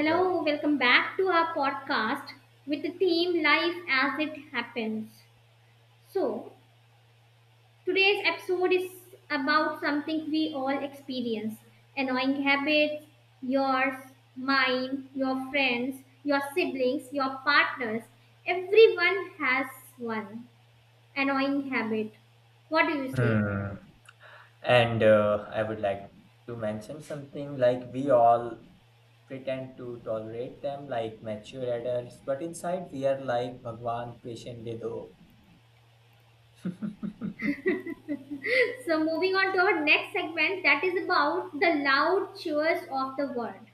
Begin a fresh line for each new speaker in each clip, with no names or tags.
Hello.
welcome back to our podcast with the theme Life as It Happens. So, today's episode is about something we all experience annoying habits, yours, mine, your friends, your siblings, your partners. Everyone has one annoying habit. What do you say?
Hmm. And I would like to mention something like we all pretend to tolerate them like mature adults, but inside we are like Bhagwan patient de do.
So, moving on to our next segment that is about the loud cheers of the world.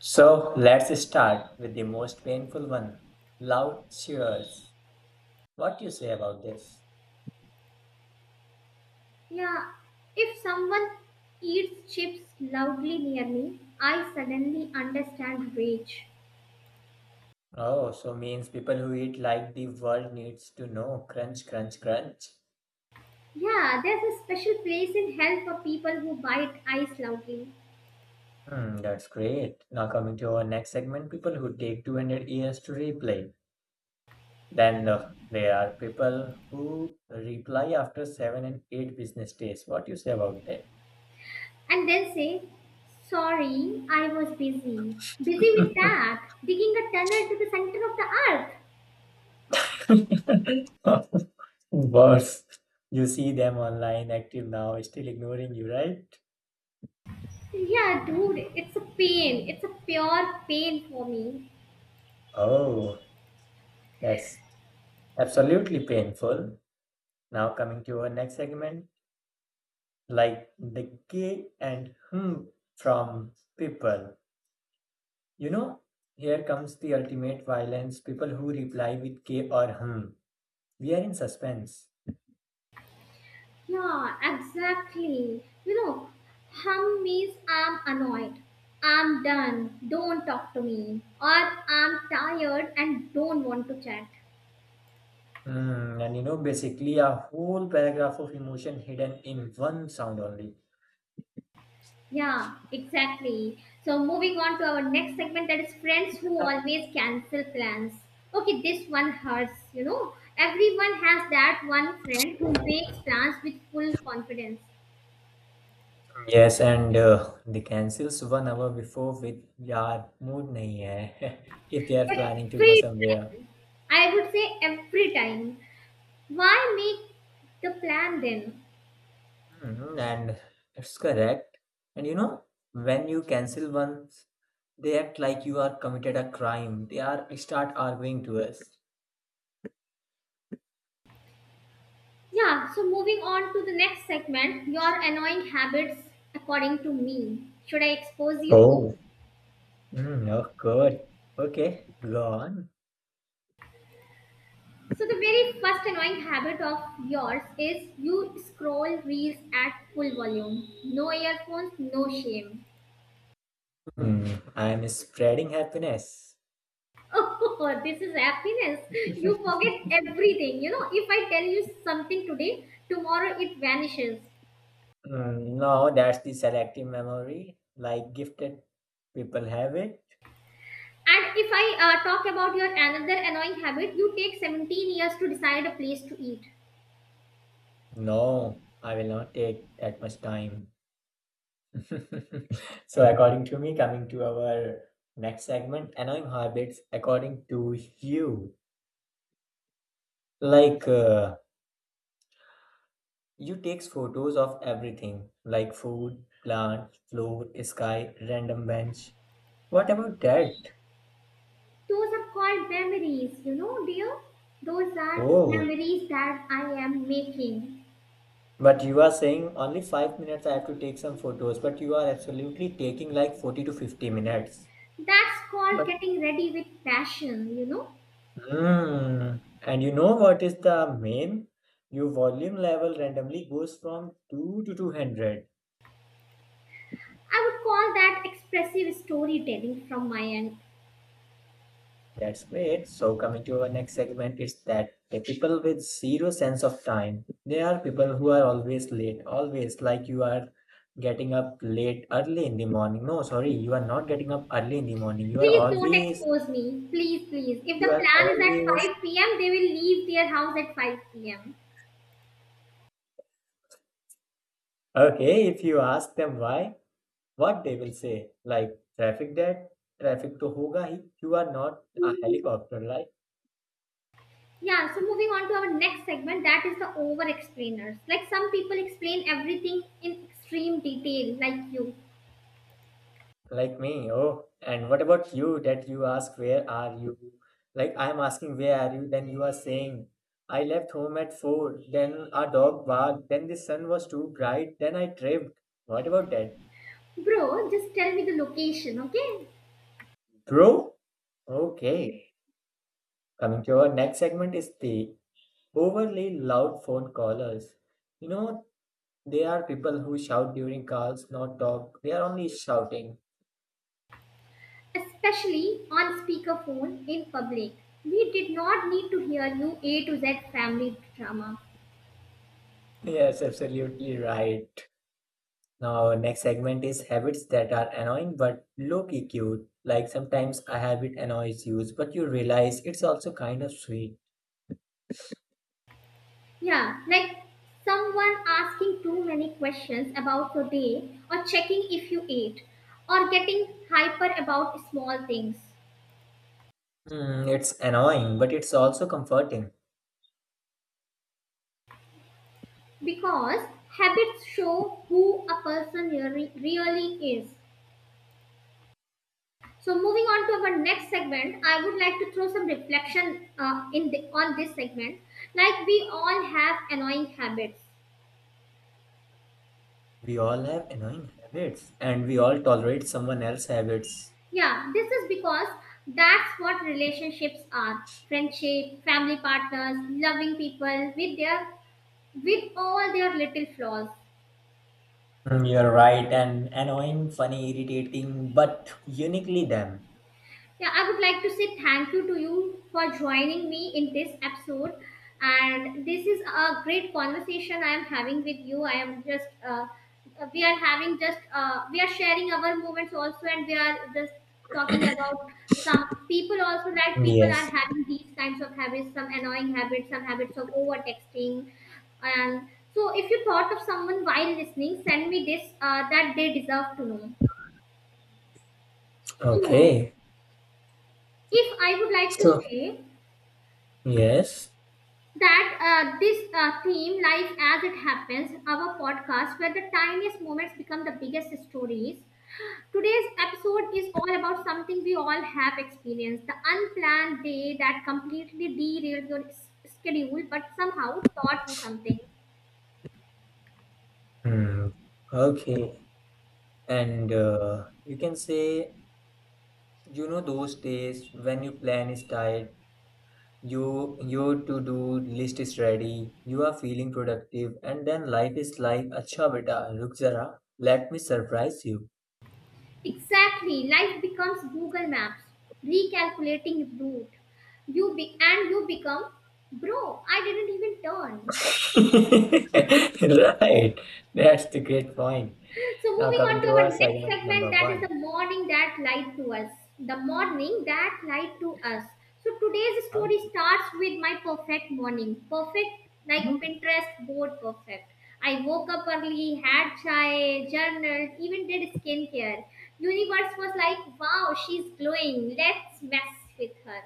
So let's start with the most painful one, loud cheers. What do you say about this?
Yeah, if someone eats chips loudly near me, I suddenly understand rage.
Oh, so means people who eat like the world needs to know. Crunch, crunch, crunch.
Yeah, there's a special place in hell for people who bite ice loudly
Hmm, that's great. Now coming to our next segment, people who take 200 years to replay. Then there are people who reply after seven and eight business days. What do you say about that?
and then say, sorry, I was busy. Busy with that, digging a tunnel to the center of the earth.
Worse, you see them online, active now, still ignoring you, right?
Yeah, dude, it's a pain. It's a pure pain for me.
Oh, that's absolutely painful. Now, coming to our next segment, like the K and hmm from people. You know, here comes the ultimate violence people who reply with K or hmm. We are in suspense.
Yeah, exactly. Hum means I'm annoyed, I'm done, don't talk to me, or I'm tired and don't want to chat.
Hmm, and you know, basically a whole paragraph of emotion hidden in one sound only.
Yeah, exactly. So, moving on to our next segment that is friends who always cancel plans. Okay, this one hurts, you know. Everyone has that one friend who makes plans with full confidence.
Yes, and they cancels 1 hour before with yaar mood nahi hai if they are planning to go
Every
somewhere.
time. I would say every time. Why make the plan then?
Hmm, and it's correct. And you know, when you cancel one, they act like you are committed a crime. They are start arguing to us.
Yeah, so moving on to the next segment, your annoying habits according to me. Should I expose you?
Oh. Mm, oh, good. Okay, go on.
So, the very first annoying habit of yours is you scroll reels at full volume. No earphones, no shame.
Hmm, I am spreading happiness.
Oh, this is happiness. You forget everything. You know, if I tell you something today, tomorrow it vanishes.
Mm, no, that's the selective memory, like gifted people have it.
And if I talk about your another annoying habit, you take 17 years to decide a place to eat.
No, I will not take that much time. So, according to me, coming to our next segment, annoying habits, according to you, like you takes photos of everything, like food, plant, floor, sky, random bench. What about that?
Those are called memories, you know, dear. Those are
Oh,
memories that I am making.
but you are saying only 5 minutes I have to take some photos, but you are absolutely taking like 40 to 50 minutes.
That's called
But
getting ready with passion, you know.
hmm. And you know what is the main? Your volume level randomly goes from 2 to 200.
I would call that expressive storytelling from my end.
That's great. So, coming to our next segment, is that the people with zero sense of time. They are people who are always late, always like you are getting up late early in the morning. No, sorry, you are not getting up early in the morning. You are
Please don't
always,
expose me. Please, please. If the
you are
plan is at
always
5 p.m., they will leave their house at 5 p.m.
Okay, if you ask them why, what they will say, like traffic dad, traffic to hoga hi, you are not a helicopter like
Yeah, so moving on to our next segment, that is the over explainers. Like some people explain everything in extreme detail, like you.
like me. Oh, and what about you that you ask where are you? Like I'm asking where are you, then you are saying I left home at 4, then a dog barked, then the sun was too bright, then I tripped. What about that?
Bro, just tell me the location, okay?
Bro? Okay. Coming to our next segment is the overly loud phone callers. You know, they are people who shout during calls, not talk. They are only shouting.
Especially on speakerphone in public. We did not need to hear new A to Z family drama.
Yes, absolutely right. Now, next segment is habits that are annoying but low key cute. Like sometimes a habit annoys you, but you realize it's also kind of sweet.
Yeah, like someone asking too many questions about your day, or checking if you ate, or getting hyper about small things.
Hmm, it's annoying, but it's also comforting.
Because habits show who a person really is. So moving on to our next segment, I would like to throw some reflection in on this segment. Like we all have annoying habits.
We all have annoying habits, and we all tolerate someone else's habits.
Yeah, this is because that's what relationships are. Friendship, family partners, loving people with their with all their little flaws.
Hmm, you're right, and annoying, funny, irritating, but uniquely them.
Yeah, I would like to say thank you to you for joining me in this episode. And this is a great conversation I am having with you. I am we are having we are sharing our moments also, and we are just talking about some people also that people are
Yes.
having these kinds of habits, some annoying habits, some habits of over texting. And so, if you thought of someone while listening, send me this that they deserve to know. So,
Okay.
if I would like to
So,
say,
yes.
that this theme, Life as It Happens, our podcast where the tiniest moments become the biggest stories. Today's episode is all about something we all have experienced the unplanned day that completely derailed your schedule but somehow taught you something.
Hmm. Okay. And you can say, you know, those days when your plan is tight, your to-do list is ready, you are feeling productive, and then life is like, "Acha beta, ruk zara, let me surprise you."
Exactly, life becomes Google Maps, recalculating route. And you become, bro, I didn't even turn.
Right. That's the great point.
So
Now
moving on
coming
to
to
our
our
next
segment
segment,
number
that is
one.
the morning that lied to us. The morning that lied to us. So today's
How-
story starts with my perfect morning. Perfect like
You
Pinterest board perfect. I woke up early, had chai, journaled, even did skincare. Universe was like, wow, she's glowing. Let's mess with her.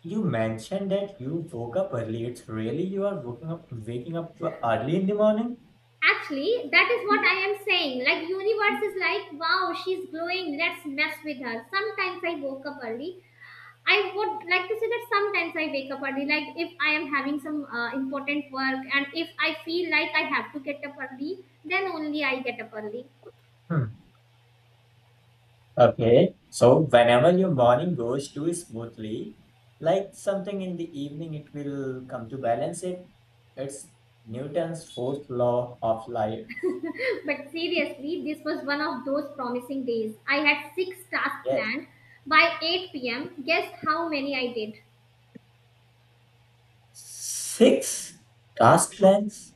you mentioned that you woke up early. It's really you are waking up early in the morning?
Actually, that is what I am saying. Like universe is like, wow, she's glowing. Let's mess with her. Sometimes I woke up early. I would like to say that sometimes I wake up early, like if I am having some important work and if I feel like I have to get up early, then only I get up early.
Hmm. Okay. So whenever your morning goes too smoothly, like something in the evening, it will come to balance it. It's Newton's fourth law of life.
But seriously, this was one of those promising days. I had six tasks
Yes.
planned by 8 pm. Guess how many I did?
Six task plans.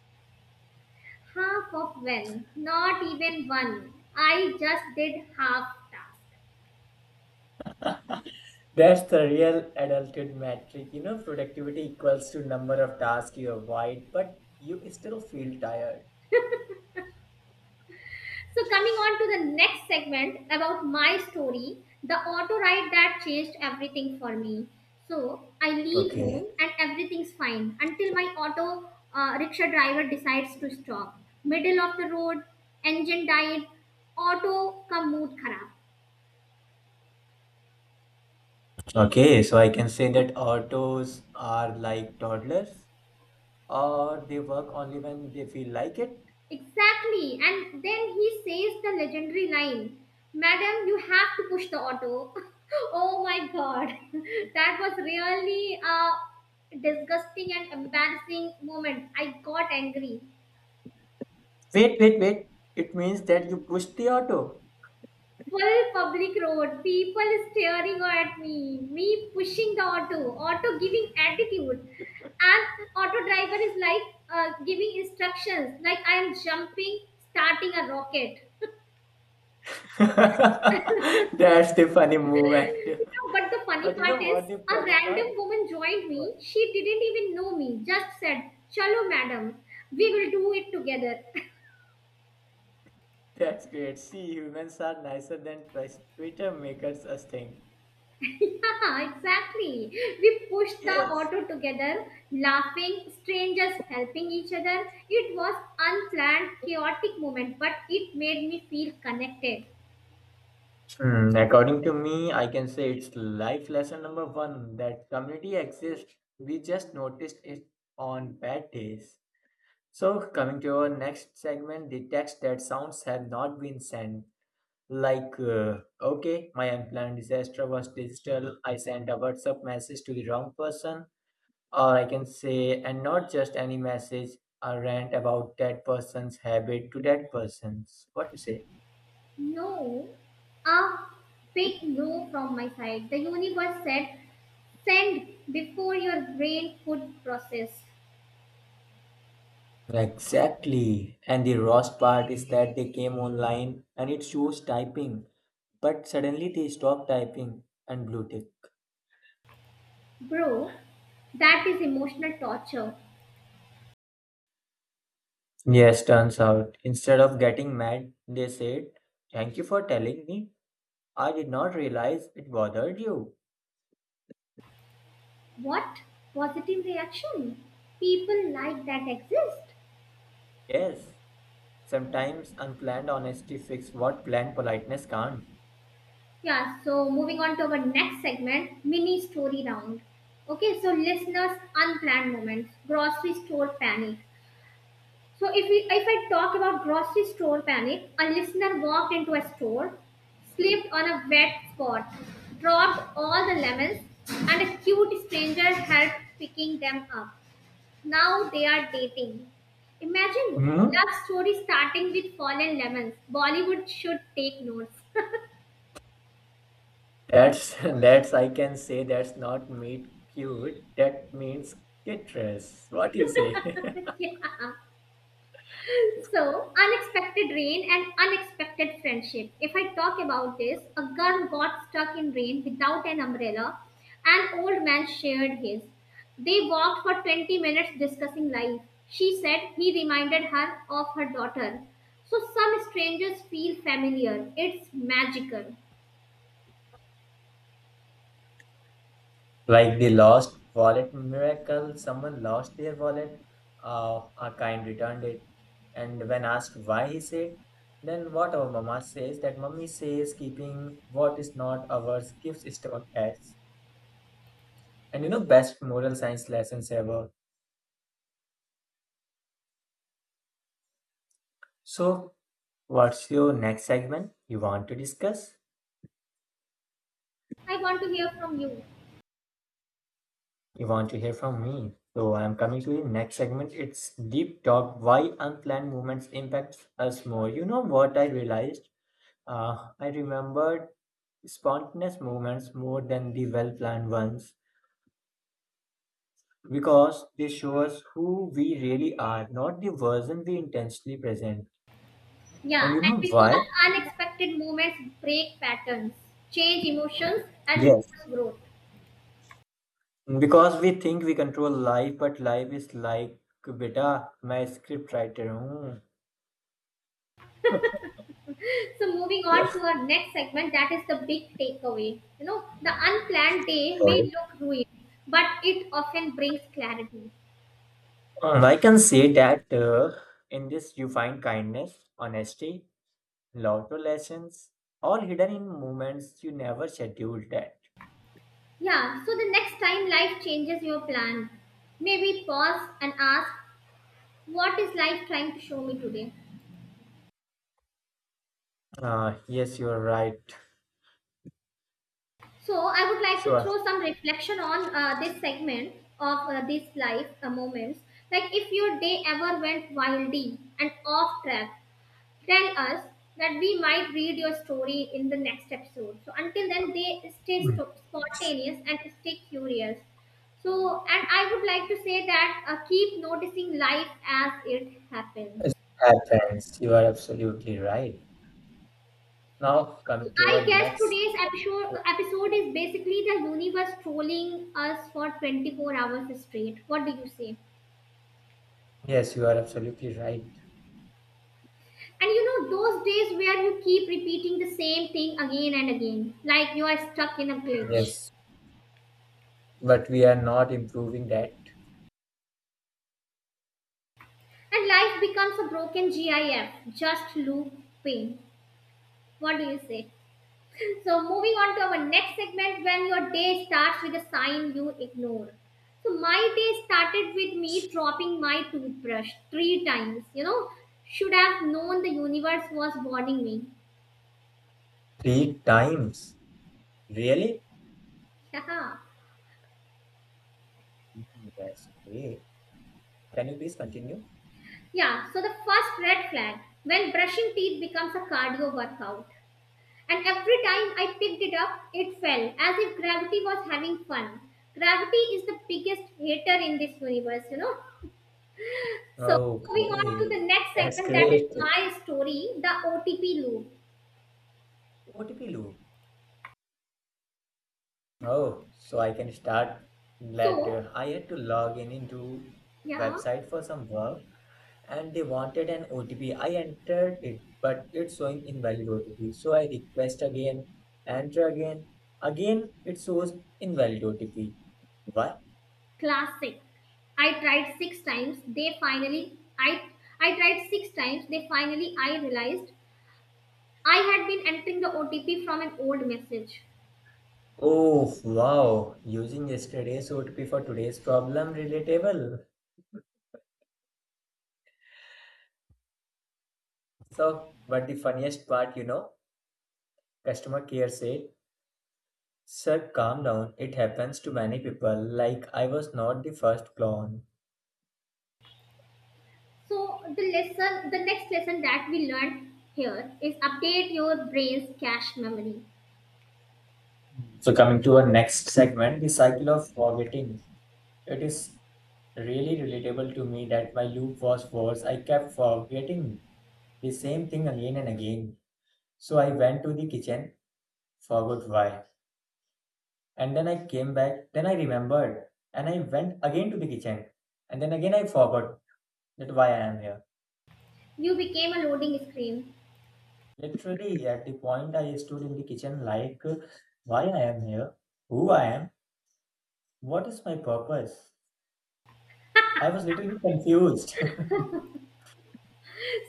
Half of one. Not even one. I just did half task.
That's the real adulthood metric. You know, productivity equals to number of tasks you avoid, but you still feel tired.
So, coming on to the next segment about my story, the auto ride that changed everything for me. So, I leave home
Okay.
and everything's fine until my auto rickshaw driver decides to stop. Middle of the road, engine died, auto का mood खराब.
Okay. So I can say that autos are like toddlers. Or they work only when they feel like it?
Exactly. And then he says the legendary line, madam, you have to push the auto. Oh my god. That was really a disgusting and embarrassing moment. I got angry.
Wait, wait, wait. It means that you pushed the auto.
Full public road, people staring at me, me pushing the auto, auto giving attitude. And auto driver is like giving instructions, like I am jumping, starting a rocket.
That's the funny movement.
You know, but the funny
But you
part
know what
is,
the
a
funny part?
random woman joined
What?
me. She didn't even know me, just said, Chalo, madam, we will do it together.
That's great. See, humans are nicer than Twitter makers us think.
Yeah, exactly. We pushed the
Yes.
auto together, laughing, strangers helping each other. It was unplanned, chaotic moment, but it made me feel connected.
Hmm, according to me, I can say it's life lesson number one that community exists. We just noticed it on bad days. So, coming to our next segment, the text that sounds have not been sent. Like, okay, my unplanned disaster was digital. I sent a WhatsApp message to the wrong person, or I can say, and not just any message, a rant about that person's habit to that person's. What you say?
No, a big no from my side. The universe said, send before your brain could process.
Exactly. And the worst part is that they came online and it shows typing, but suddenly they stop typing and blue tick.
Bro, that is emotional torture.
Yes, turns out. Instead of getting mad, they said, thank you for telling me. I did not realize it bothered you.
What? Positive reaction? People like that exist.
Yes, sometimes unplanned honesty fixes what planned politeness can't.
Yeah, so moving on to our next segment, mini story round. Okay, so listeners, unplanned moments, grocery store panic. So if I talk about grocery store panic, a listener walked into a store, slipped on a wet spot, dropped all the lemons, and a cute stranger helped picking them up. Now they are dating. Imagine
Hmm?
love story starting with fallen lemons. Bollywood should take notes.
That's that's I can say that's not meat cute. That means citrus. What you say?
Yeah. So, unexpected rain and unexpected friendship. If I talk about this, a girl got stuck in rain without an umbrella. An old man shared his. They walked for 20 minutes discussing life. She said he reminded her of her daughter. So, some strangers feel familiar. It's magical.
Like the lost wallet miracle, someone lost their wallet, a kind returned it. And when asked why, he said, then what our mama says, that mummy says, keeping what is not ours gives stomach aches. And you know, best moral science lessons ever. So, what's your next segment you want to discuss?
I want to hear from you.
You want to hear from me. So, I'm coming to the next segment. It's Deep Talk, why unplanned movements impact us more. You know what I realized? I remembered spontaneous moments more than the well planned ones because they show us who we really are, not the version we intentionally present.
Yeah,
And you
and
know
because
why?
unexpected moments break patterns, change emotions, and
Yes.
force growth.
Because we think we control life, but life is like, beta, मैं script writer हूँ.
So, moving
Yeah.
on to our next segment, that is the big takeaway. You know, the unplanned day may
Oh.
look ruined, but it often brings clarity.
I can say that in this you find kindness, honesty, love to lessons, all hidden in moments you never scheduled that.
Yeah, so the next time life changes your plan, maybe pause and ask, what is life trying to show me today?
Yes, you are right.
So I would like
So,
to throw some reflection on this segment of these life moments. Like if your day ever went wildy and off track, tell us that we might read your story in the next episode. So until then, they spontaneous and stay curious. So and I would like to say that keep noticing life as it happens.
it happens. You are absolutely right. Now, coming to our
I guess
next.
today's episode is basically the universe trolling us for 24 hours straight. What do you say?
Yes, you are absolutely right.
And you know those days where you keep repeating the same thing again and again, like you are stuck in a glitch.
Yes, but we are not improving that.
And life becomes a broken GIF, just loop pain. What do you say? So moving on to our next segment, when your day starts with a sign you ignore. So my day started with me dropping my toothbrush three times. You know, should have known the universe was warning me.
3 times. Really?
Haha.
Mhm, that's great. Can you please continue?
Yeah. So the first red flag when brushing teeth becomes a cardio workout, and every time I picked it up, it fell as if gravity was having fun. Gravity is the biggest hater in this universe. You know. So moving on to the
Okay,
next
that's
segment, that
great.
is my story, the OTP loop.
OTP loop. Oh, so I can start
So
later. I had to log in into
yeah,
website for some work. And they wanted an OTP. I entered it, but it's showing invalid OTP. So I request again, enter again. Again, it shows invalid OTP. Why?
classic. I tried six times. They finally, I I tried six times. They finally, I realized I had been entering the OTP from an old message.
Oh, wow. Using yesterday's OTP for today's problem, relatable. So, but the funniest part, you know, customer care said, sir, calm down. It happens to many people. Like, I was not the first clone.
So the lesson, the next lesson that we learned here is update your brain's cache memory.
So, coming to our next segment, the cycle of forgetting. It is really relatable to me that my loop was worse. I kept forgetting the same thing again and again. So I went to the kitchen, forgot why. And then I came back, then I remembered, and I went again to the kitchen. And then again I forgot that why I am here.
You became a loading screen.
Literally, at the point I stood in the kitchen, like, why I am here, who I am, what is my purpose? I was little bit confused.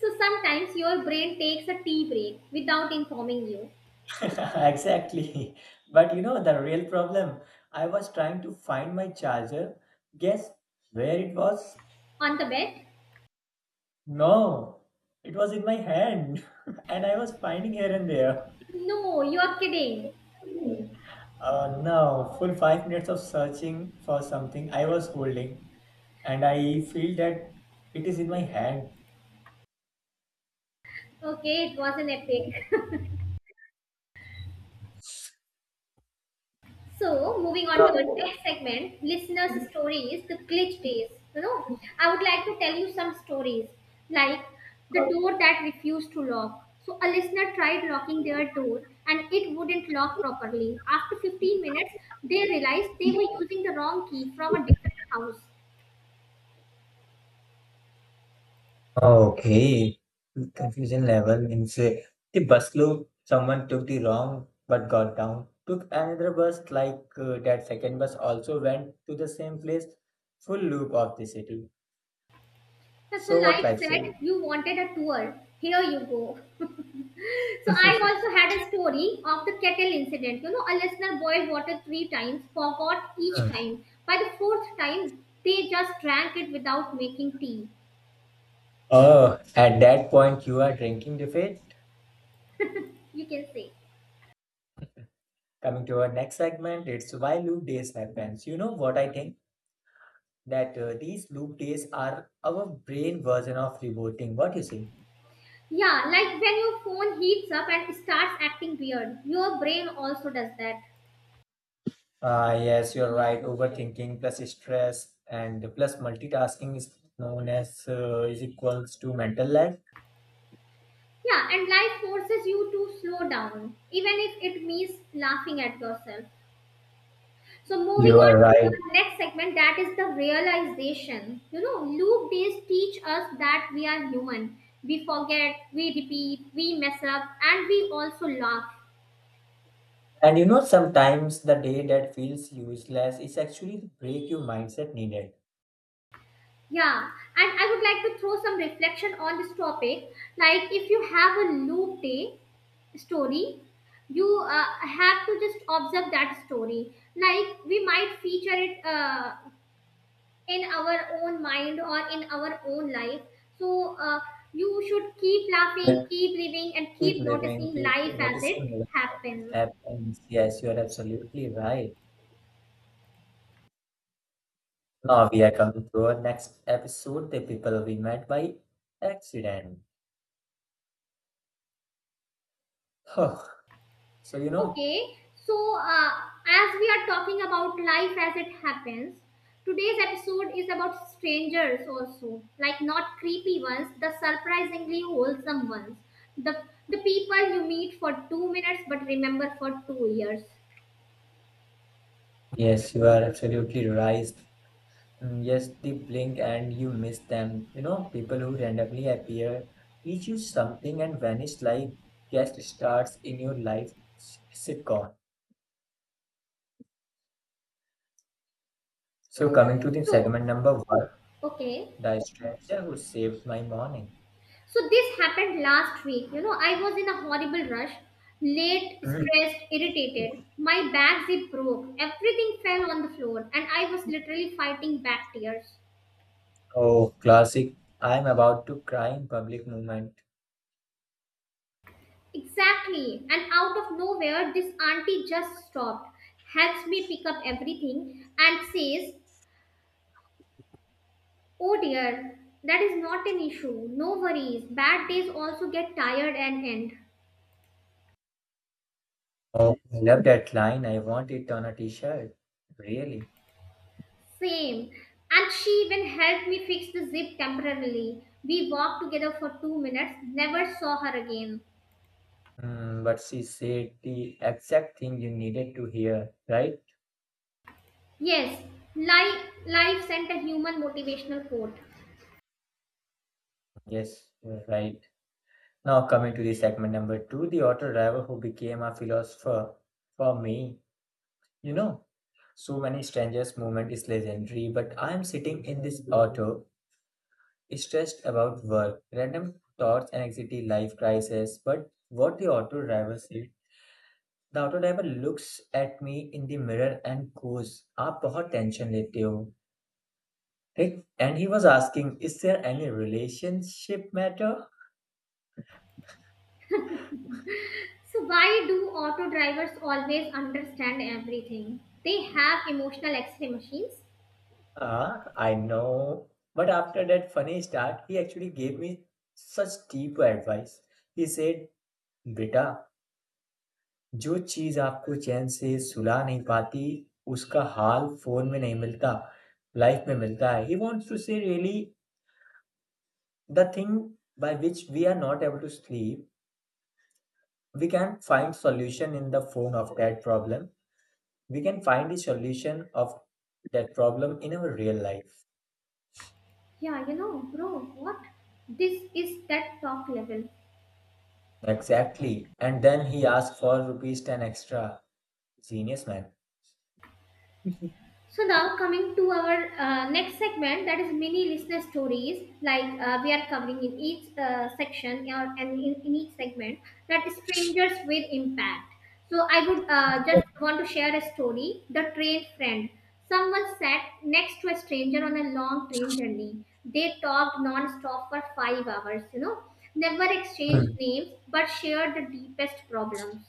So sometimes your brain takes a tea break without informing you.
Exactly. But you know the real problem? I was trying to find my charger. Guess where it was?
On the bed,
No, it was in my hand, and I was finding here and there.
no, you are kidding.
No, full 5 minutes of searching for something I was holding, and I feel that it is in my hand.
Okay, it was an epic. So, moving on to our next segment, listeners' stories, the glitch days. You know, I would like to tell you some stories like the door that refused to lock. So, a listener tried locking their door and it wouldn't lock properly. After 15 minutes, they realized they were using the wrong key from a different house.
Ah, okay. Confusion level means the bus loop, someone took the wrong but got down, took another bus, like that second bus also went to the same place, full loop of the city.
So so
So what
life
life say?
said you wanted a tour. Here you go. So I also had a story of the kettle incident. You know, a listener boiled water three times, forgot each
Hmm.
time. By the fourth time, they just drank it without making tea.
Oh, at that point, you are drinking the fate.
You can say.
Coming to our next segment, it's why loop days happens. You know what I think? That these loop days are our brain version of rebooting. What you say?
Yeah, like when your phone heats up and starts acting weird, your brain also does that.
Yes, you're right. Overthinking plus stress and plus multitasking is known as is equals to mental lag.
Yeah, and life forces you to slow down, even if it means laughing at yourself. So moving
You are
on to
right.
our next segment, that is the realization. You know, loop days teach us that we are human. We forget, we repeat, we mess up, and we also laugh.
And you know, sometimes the day that feels useless is actually the break your mindset needed.
Yeah, and I would like to throw some reflection on this topic. Like, if you have a loop day story, you have to just observe that story. Like, we might feature it in our own mind or in our own life. So you should keep laughing,
Like,
keep living, and
keep
keep
living,
noticing
keep
life as
noticing
it
what
happens.
happens. Yes, you're absolutely right. Now we are coming to our next episode, the people we met by accident. So you know,
Okay. So as we are talking about life as it happens, today's episode is about strangers also, like not creepy ones, the surprisingly wholesome ones, the the people you meet for 2 minutes but remember for 2 years.
yes, you are absolutely right. Mm, yes, they blink and you miss them. You know, people who randomly appear teach you something and vanish like guest stars in your life sitcom. So, coming to the
So
segment number one,
okay.
the stranger who saved my morning.
So this happened last week. You know, I was in a horrible rush, late,
Mm,
stressed, irritated. My bag zip broke. Everything fell on the floor, and I was literally fighting back tears.
oh, classic. I'm about to cry in public moment.
Exactly. And out of nowhere, this auntie just stopped, helps me pick up everything, and says, "Oh dear, that is not an issue. No worries. Bad days also get tired and end."
Oh, I love that line. I want it on a t-shirt. Really?
Same. And she even helped me fix the zip temporarily. We walked together for 2 minutes, never saw her again.
Mm, but she said the exact thing you needed to hear, right?
Yes, life sent a human motivational quote.
Yes, you're right. Now, coming to the segment number two, the auto driver who became a philosopher for me. You know, so many strangers moment is legendary, but I am sitting in this auto, stressed about work, random thoughts, and anxiety, life crisis. But what the auto driver said, the auto driver looks at me in the mirror and goes, "आप बहुत tension लेते हो." Right? And he was asking, "Is there any relationship matter?"
So, why do auto drivers always understand everything? They have emotional X ray machines.
Ah, I know. But after that funny start, he actually gave me such deep advice. He said, बेटा जो चीज आपको चैन से सुला नहीं पाती उसका हाल phone में नहीं मिलता लाइफ में मिलता है. He wants to say really the thing by which we are not able to sleep, we can find solution in the phone of that problem, we can find the solution of that problem in our real life.
Yeah, you know, bro, what? This is that top level.
Exactly. And then he asked for rupees 10 extra. Genius man.
So now coming to our next segment, that is mini listener stories. Like we are covering in each section or in each segment that is strangers with impact. So I would just want to share a story. The train friend. Someone sat next to a stranger on a long train journey. They talked non-stop for 5 hours. You know, never exchanged
Hmm.
names but shared the deepest problems.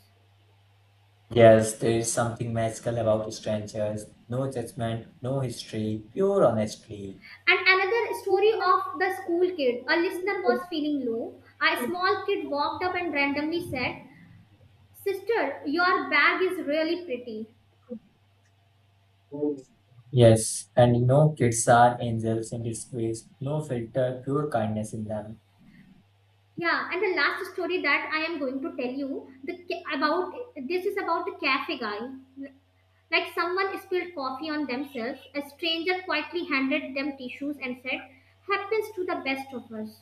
Yes, there is something magical about strangers. No judgment, no history, pure honesty.
And another story of the school kid. A listener was feeling low. A small kid walked up and randomly said, "Sister, your bag is really pretty."
Yes, and you know, kids are angels in disguise. No filter, pure kindness in them.
Yeah, and the last story that I am going to tell you about this is about the cafe guy. Like someone spilled coffee on themselves, a stranger quietly handed them tissues and said, "Happens to the best of us."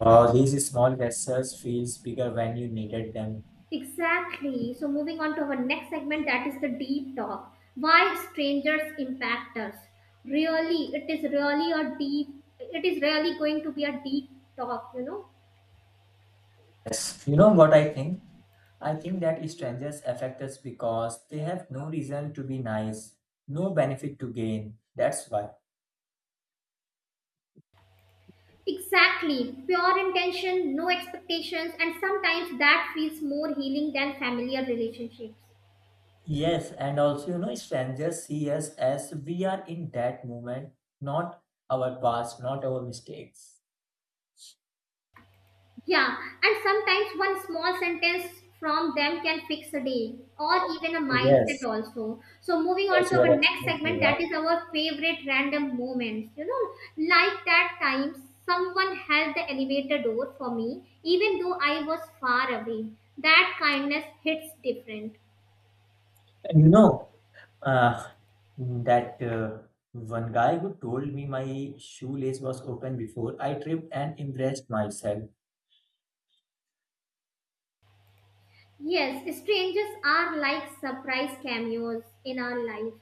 Wow, these small gestures feels bigger when you needed them.
Exactly. So, moving on to our next segment, that is the deep talk. Why strangers impact us? Really, it is really a deep. It is really going to be a deep talk. You know.
Yes, you know what I think? I think that strangers affect us because they have no reason to be nice, no benefit to gain. That's why.
Exactly. Pure intention, no expectations, and sometimes that feels more healing than familiar relationships.
Yes, and also, you know, strangers see us as we are in that moment, not our past, not our mistakes.
Yeah, and sometimes one small sentence from them can fix a day or even a mindset
Yes,
also. So moving on
yes,
to
you
our
are
next segment,
absolutely
that
right.
is our favorite random moments. You know, like that time someone held the elevator door for me, even though I was far away. That kindness hits different.
And you know, uh, that one guy who told me my shoelace was open before I tripped and embraced myself.
Yes, strangers are like surprise cameos in our life.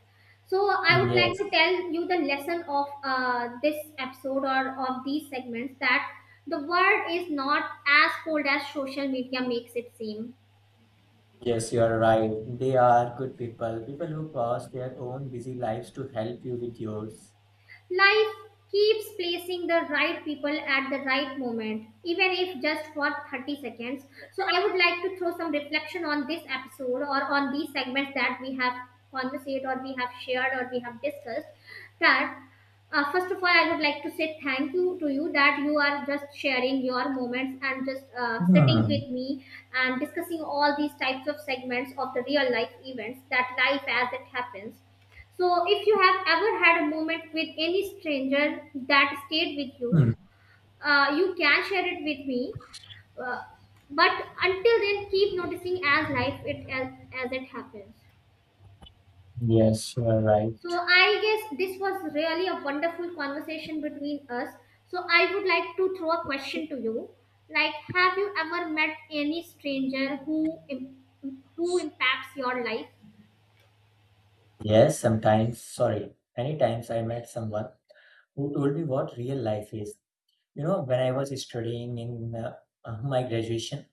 So I would like to
Yes,
tell you the lesson of this episode or of these segments that the world is not as cold as social media makes it seem.
yes, you are right. They are good people, people who pass their own busy lives to help you with yours.
Life keeps placing the right people at the right moment, even if just for 30 seconds. So, I would like to throw some reflection on this episode or on these segments that we have conversed or we have shared or we have discussed. That first of all, I would like to say thank you to you that you are just sharing your moments and just sitting
Hmm.
with me and discussing all these types of segments of the real life events that life as it happens. So, if you have ever had a moment with any stranger that stayed with
Hmm.
you, you can share it with me. Uh, but until then, keep noticing as it happens.
Yes, you are
So,
right.
I guess this was really a wonderful conversation between us. So, I would like to throw a question to you. Like, have you ever met any stranger who impacts your life?
Yes, sometimes, sorry, many times I met someone who told me what real life is. You know, when I was studying in my graduation,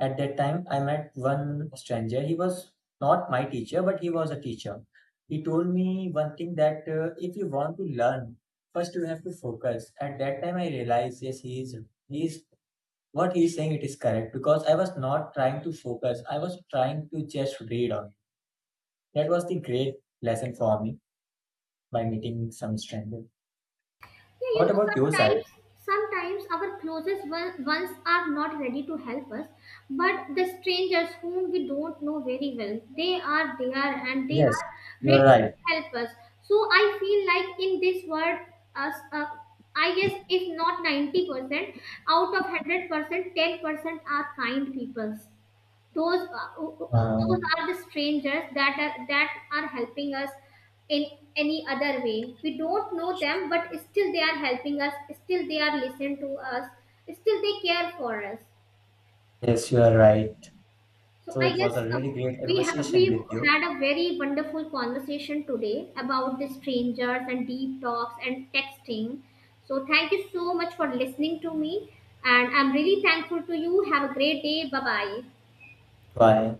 at that time I met one stranger. He was not my teacher, but he was a teacher. He told me one thing that if you want to learn, first you have to focus. At that time I realized, yes, he is, what he is saying, it is correct because I was not trying to focus. I was trying to just read on. That was the great lesson for me by meeting some stranger.
Yeah, you
What
know,
about your side?
sometimes our closest ones are not ready to help us, but the strangers whom we don't know very well, they are there and they
Yes,
are
you
ready
are right.
to help us. So I feel like in this world, us, uh, I guess if not 90%, out of 100%, 10% are kind people. Those
Uh,
are the strangers that are helping us in any other way. We don't know them but still they are helping us, still they are listening to us, still they care for us.
yes, you are right.
So
So
I
it was
guess
a really great
we
conversation with you.
had a very wonderful conversation today about the strangers and deep talks and texting. So thank you so much for listening to me, and I'm really thankful to you. Have a great day. Bye bye.
Bye.